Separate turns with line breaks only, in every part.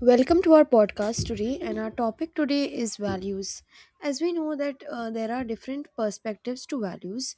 Welcome to our podcast today, and our topic today is values. As we know that there are different perspectives to values.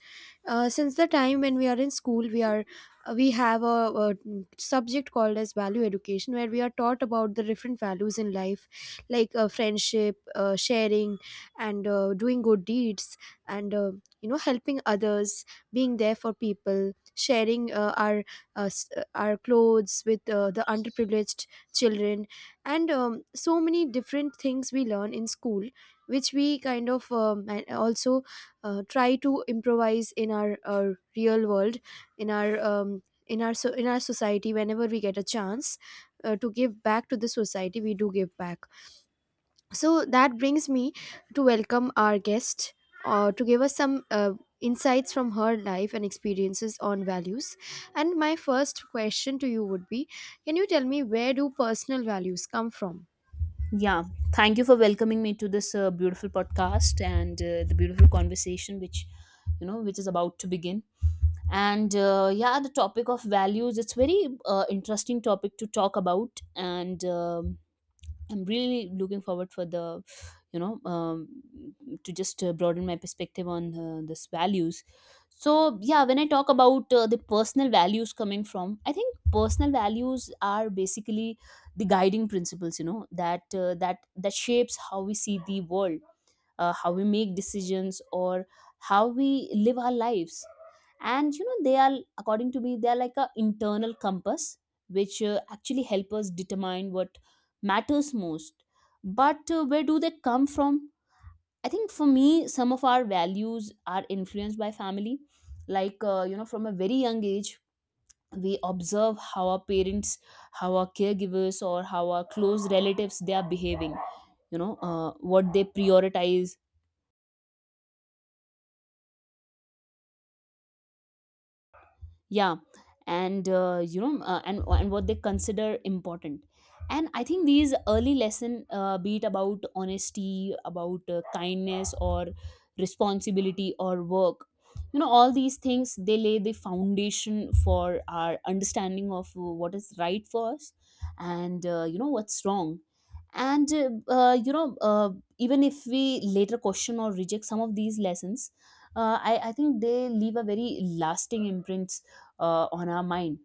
Since the time when we are in school, we have a subject called as value education, where we are taught about the different values in life, like friendship, sharing, and doing good deeds, and helping others, being there for people, sharing our clothes with the underprivileged children, and so many different things we learn in school which we kind of, and also try to improvise in our real world, in our so in our society. Whenever we get a chance to give back to the society, we do give back. So that brings me to welcome our guest to give us some insights from her life and experiences on values. And my first question to you would be, can you tell me where do personal values come from?
Yeah, thank you for welcoming me to this beautiful podcast and the beautiful conversation which you know which is about to begin. And yeah, the topic of values, it's very interesting topic to talk about, and I'm really looking forward for you know, um, to just broaden my perspective on this values. So yeah, when I talk about the personal values coming from, I think personal values are basically the guiding principles, you know, that shapes how we see the world, how we make decisions, or how we live our lives. And you know, they are, according to me, they are like a internal compass which actually help us determine what matters most. But where do they come from? I think for me, some of our values are influenced by family. You know, from a very young age, we observe how our parents, how our caregivers, or how our close relatives they are behaving, what they prioritize, yeah. And what they consider important. And I think these early lesson, be it about honesty, about kindness, or responsibility or work, you know, all these things they lay the foundation for our understanding of what is right for us, and you know, what's wrong. And even if we later question or reject some of these lessons, I think they leave a very lasting imprint on our mind.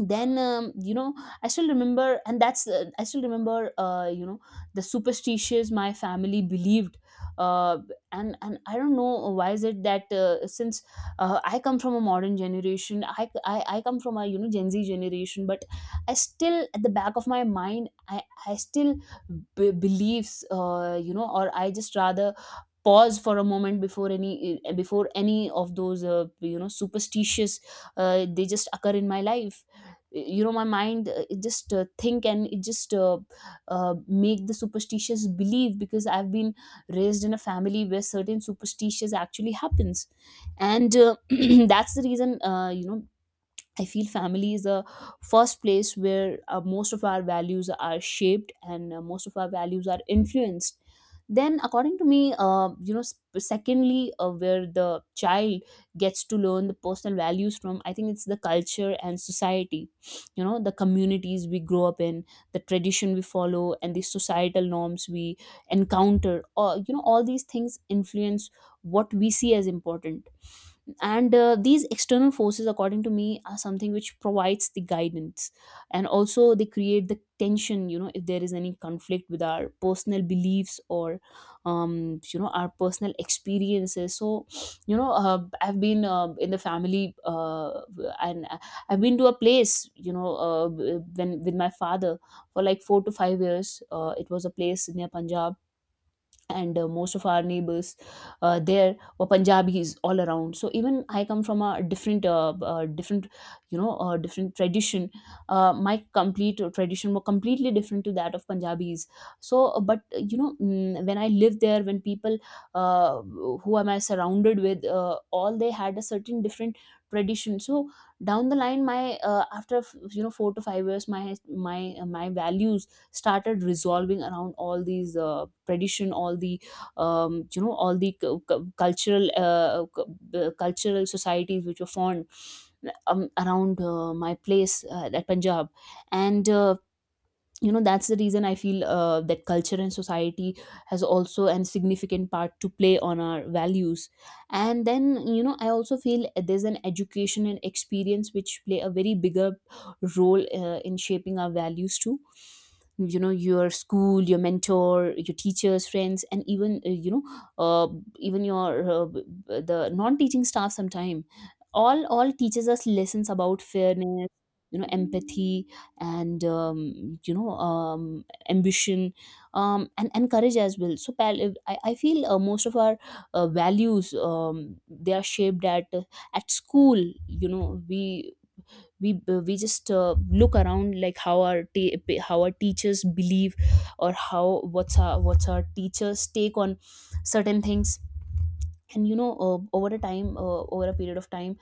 Then you know I still remember and that's I still remember, you know, the superstitions my family believed. uh, and I don't know why is it that, since I come from a modern generation, I come from a, you know, gen z generation, but I still, at the back of my mind, I still believes, you know, or I just rather pause for a moment before before any of those, you know, superstitious, they just occur in my life. Eh, you know, my mind, it just think, and it just uh, make the superstitious believe because I've been raised in a family where certain superstitious actually happens. And that's the reason, you know, I feel family is the first place where most of our values are shaped, and most of our values are influenced. Then, according to me, secondly, where the child gets to learn the personal values from, I think it's the culture and society, you know, the communities we grow up in, the tradition we follow, and the societal norms we encounter. Or, you know, all these things influence what we see as important. And these external forces, according to me, are something which provides the guidance, and also they create the tension, you know, if there is any conflict with our personal beliefs or you know, our personal experiences. So I've been, in the family, and I've been to a place, when with my father for like 4 to 5 years. It was a place near Punjab, and most of our neighbors, there were Punjabis all around. So even I come from a different, different, different tradition. My complete tradition were completely different to that of Punjabis. So, but you know, mm, when I lived there, when people, who am I surrounded with, all they had a certain different tradition. So down the line, my after, you know, 4 to 5 years, my values started resolving around all these tradition, all the you know, all the cultural cultural societies which were formed around my place at Punjab. And you know, that's the reason I feel that culture and society has also a significant part to play on our values. And then, you know, I also feel there's an education and experience which play a very bigger role in shaping our values too. You know, your school, your mentor, your teachers, friends, and even, uh, even your uh, b- the non-teaching staff sometime, all teaches us lessons about fairness, you know, empathy, and ambition, and courage as well. So I feel most of our values, they are shaped at, at school. You know, we just look around, like how how our teachers believe, or how, what's our teachers take on certain things. And you know, over a period of time,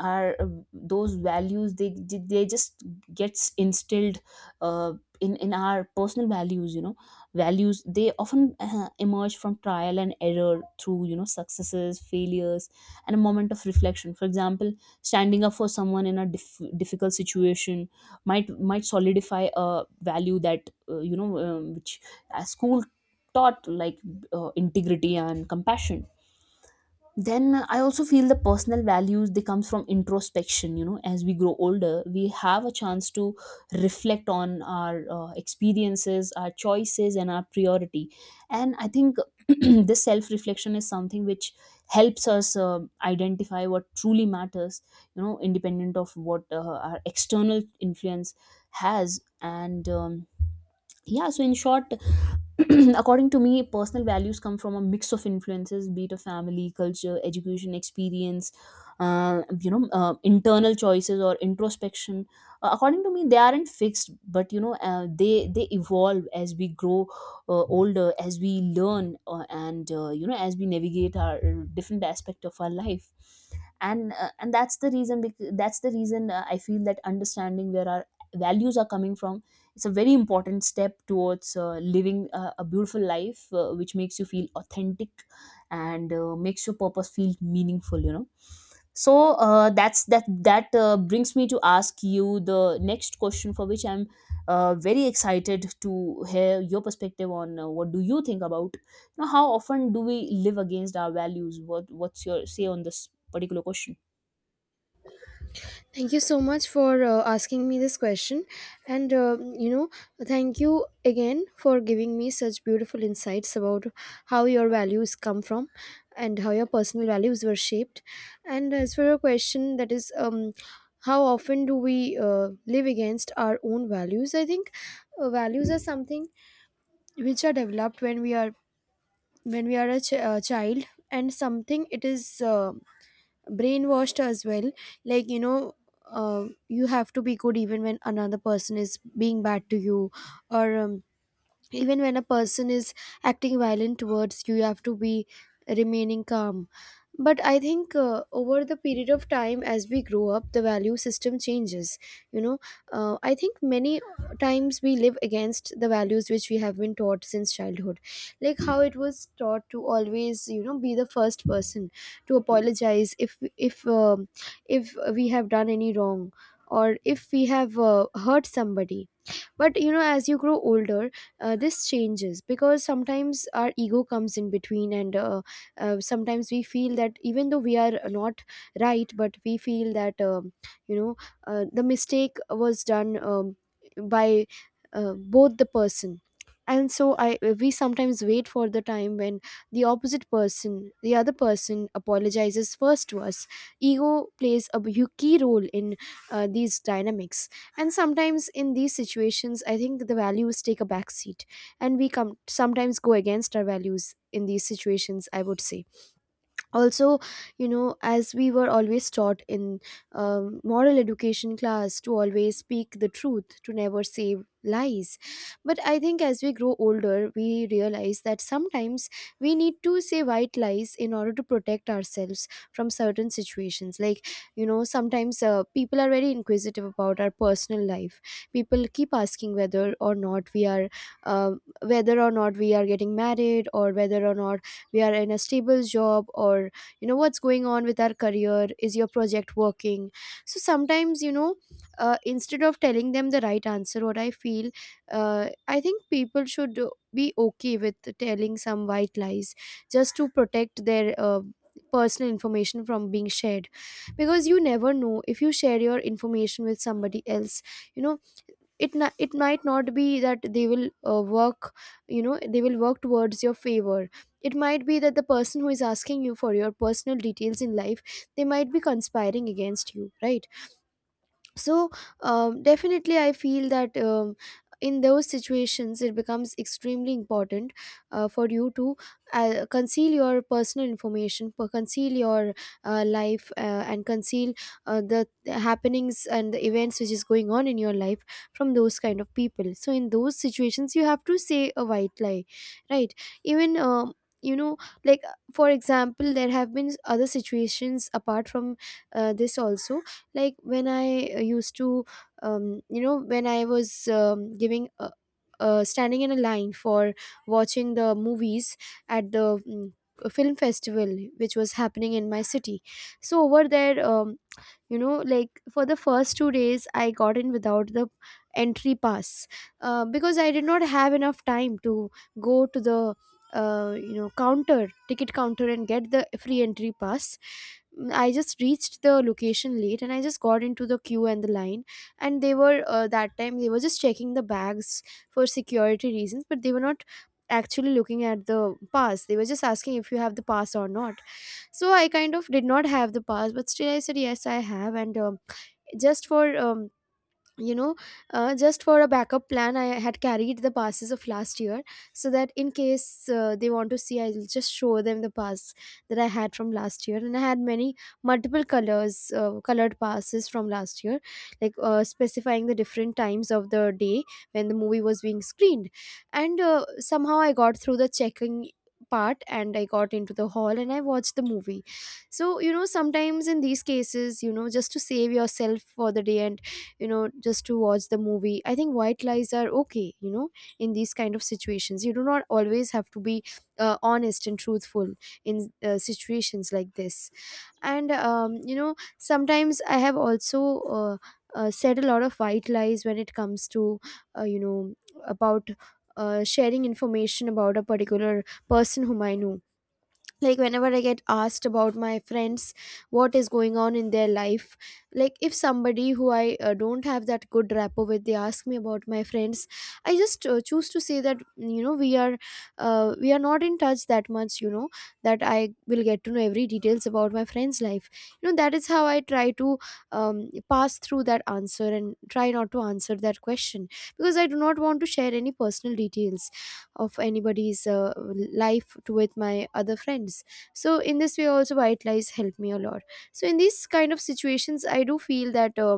our, those values, they just gets instilled uh, in our personal values. You know, values they often emerge from trial and error through, you know, successes, failures, and a moment of reflection. For example, standing up for someone in a difficult situation might solidify a value that, which school taught, like integrity and compassion. Then I also feel the personal values they comes from introspection. You know, as we grow older, we have a chance to reflect on our experiences, our choices, and our priority. And I think this self reflection is something which helps us identify what truly matters, you know, independent of what our external influence has. And yeah, so in short, according to me, personal values come from a mix of influences, be it a family, culture, education, experience, internal choices or introspection. According to me, they aren't fixed, but you know, they evolve as we grow older, as we learn, and you know, as we navigate our different aspect of our life. And that's that's the reason, I feel that understanding where our values are coming from, it's a very important step towards living a beautiful life which makes you feel authentic, and makes your purpose feel meaningful, you know. So that that brings me to ask you the next question, for which I'm very excited to hear your perspective on, what do you think about, you know, how often do we live against our values? What's your say on this particular question?
Thank you so much for asking me this question. And, you know, thank you again for giving me such beautiful insights about how your values come from and how your personal values were shaped. And as for your question, that is, how often do we live against our own values? I think values are something which are developed when we are a child, and something it is brainwashed as well, like you know, you have to be good even when another person is being bad to you, or even when a person is acting violent towards you, you have to be remaining calm. But I think, over the period of time, as we grow up the value system changes, you know. I think many times we live against the values which we have been taught since childhood. Like how it was taught to always, you know, be the first person to apologize if we have done any wrong or if we have hurt somebody. But you know, as you grow older, this changes because sometimes our ego comes in between, and sometimes we feel that even though we are not right, but we feel that you know the mistake was done by both the person. And so I we sometimes wait for the time when the opposite person, the other person, apologizes first to us. Ego plays a key role in these dynamics, and sometimes in these situations I think the values take a back seat, and we come sometimes go against our values in these situations, I would say. Also, you know, as we were always taught in moral education class to always speak the truth, to never say lies, but I think as we grow older we realize that sometimes we need to say white lies in order to protect ourselves from certain situations. Like, you know, sometimes people are very inquisitive about our personal life. People keep asking whether or not we are uh, whether or not we are getting married, or whether or not we are in a stable job, or you know, what's going on with our career, is your project working. So sometimes, you know, instead of telling them the right answer, what I feel, I think people should be okay with telling some white lies, just to protect their personal information from being shared. Because you never know, if you share your information with somebody else, you know, it it might not be that they will work you know they will work towards your favor. It might be that the person who is asking you for your personal details in life, they might be conspiring against you, right? So definitely I feel that, in those situations it becomes extremely important for you to conceal your personal information, conceal your life, and conceal the happenings and the events which is going on in your life from those kind of people. So in those situations you have to say a white lie, right? Even you know like for example, there have been other situations apart from this also, like when I used to, when I was, standing in a line for watching the movies at the film festival which was happening in my city. So over there, like for the first 2 days I got in without the entry pass, because I did not have enough time to go to the counter, ticket counter, and get the free entry pass. I just reached the location late and I just got into the queue and the line, and they were, that time they were just checking the bags for security reasons, but they were not actually looking at the pass. They were just asking if you have the pass or not. So I kind of did not have the pass, but still I said yes I have. And just for um, you know just for a backup plan, I had carried the passes of last year, so that in case they want to see, I'll just show them the pass that I had from last year. And I had many multiple colors colored passes from last year, like specifying the different times of the day when the movie was being screened. And somehow I got through the checking part, and I got into the hall and I watched the movie. So you know, sometimes in these cases, you know, just to save yourself for the day and, you know, just to watch the movie, I think white lies are okay, you know. In these kind of situations you do not always have to be honest and truthful in situations like this. And you know, sometimes I have also uh, said a lot of white lies when it comes to, you know about sharing information about a particular person whom I know. Like whenever I get asked about my friends, what is going on in their life, like if somebody who I don't have that good rapport with, they ask me about my friends, I just choose to say that, you know, we are not in touch that much, you know, that I will get to know every details about my friend's life. You know, that is how I try to um, pass through that answer and try not to answer that question, because I do not want to share any personal details of anybody's life to with my other friends. So in this way also, white lies help me a lot. So in these kind of situations, I do feel that,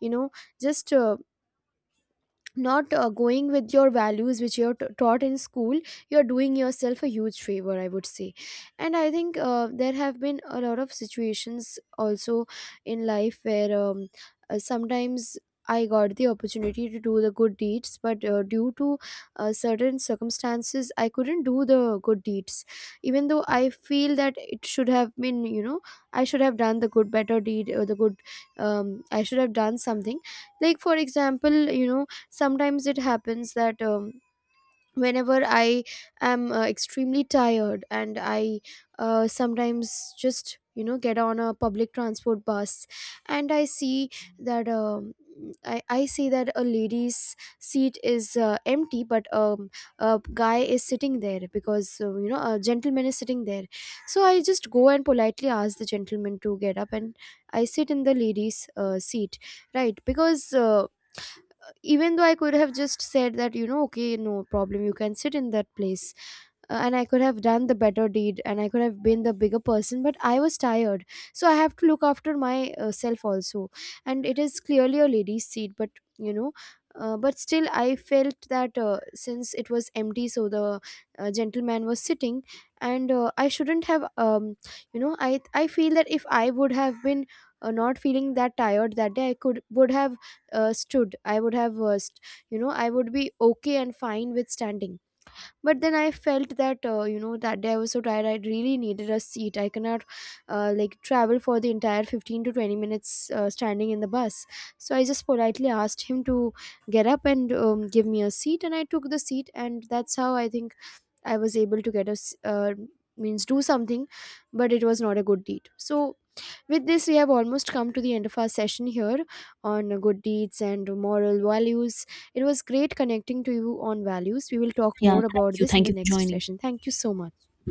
you know just not going with your values which you're taught in school, you're doing yourself a huge favor, I would say. And I think there have been a lot of situations also in life where, sometimes I got the opportunity to do the good deeds, but due to certain circumstances I couldn't do the good deeds, even though I feel that it should have been, you know, I should have done the good better deed or the good, I should have done something. Like for example, you know, sometimes it happens that, whenever I am extremely tired and I sometimes just, you know, get on a public transport bus, and I see that, I see that a lady's seat is empty, but a guy is sitting there, because you know, a gentleman is sitting there. So I just go and politely ask the gentleman to get up, and I sit in the lady's seat, right? Because even though I could have just said that, you know, okay, no problem, you can sit in that place, and I could have done the better deed and I could have been the bigger person, but I was tired. So I have to look after myself also. And it is clearly a lady's seat, but you know, but still I felt that, since it was empty, so the gentleman was sitting, and I shouldn't have, um, I feel that if I would have been not feeling that tired that day, I could would have stood. I would have, I would be okay and fine with standing. But then I felt that, you know, that day I was so tired I really needed a seat, I cannot like travel for the entire 15 to 20 minutes standing in the bus. So I just politely asked him to get up and give me a seat, and I took the seat, and that's how I think I was able to get means do something, but it was not a good deed. So with this, we have almost come to the end of our session here on good deeds and moral values. It was great connecting to you on values. We will talk
Yeah,
more about this in
thank
the
you for
next
joining.
session. Thank you so much.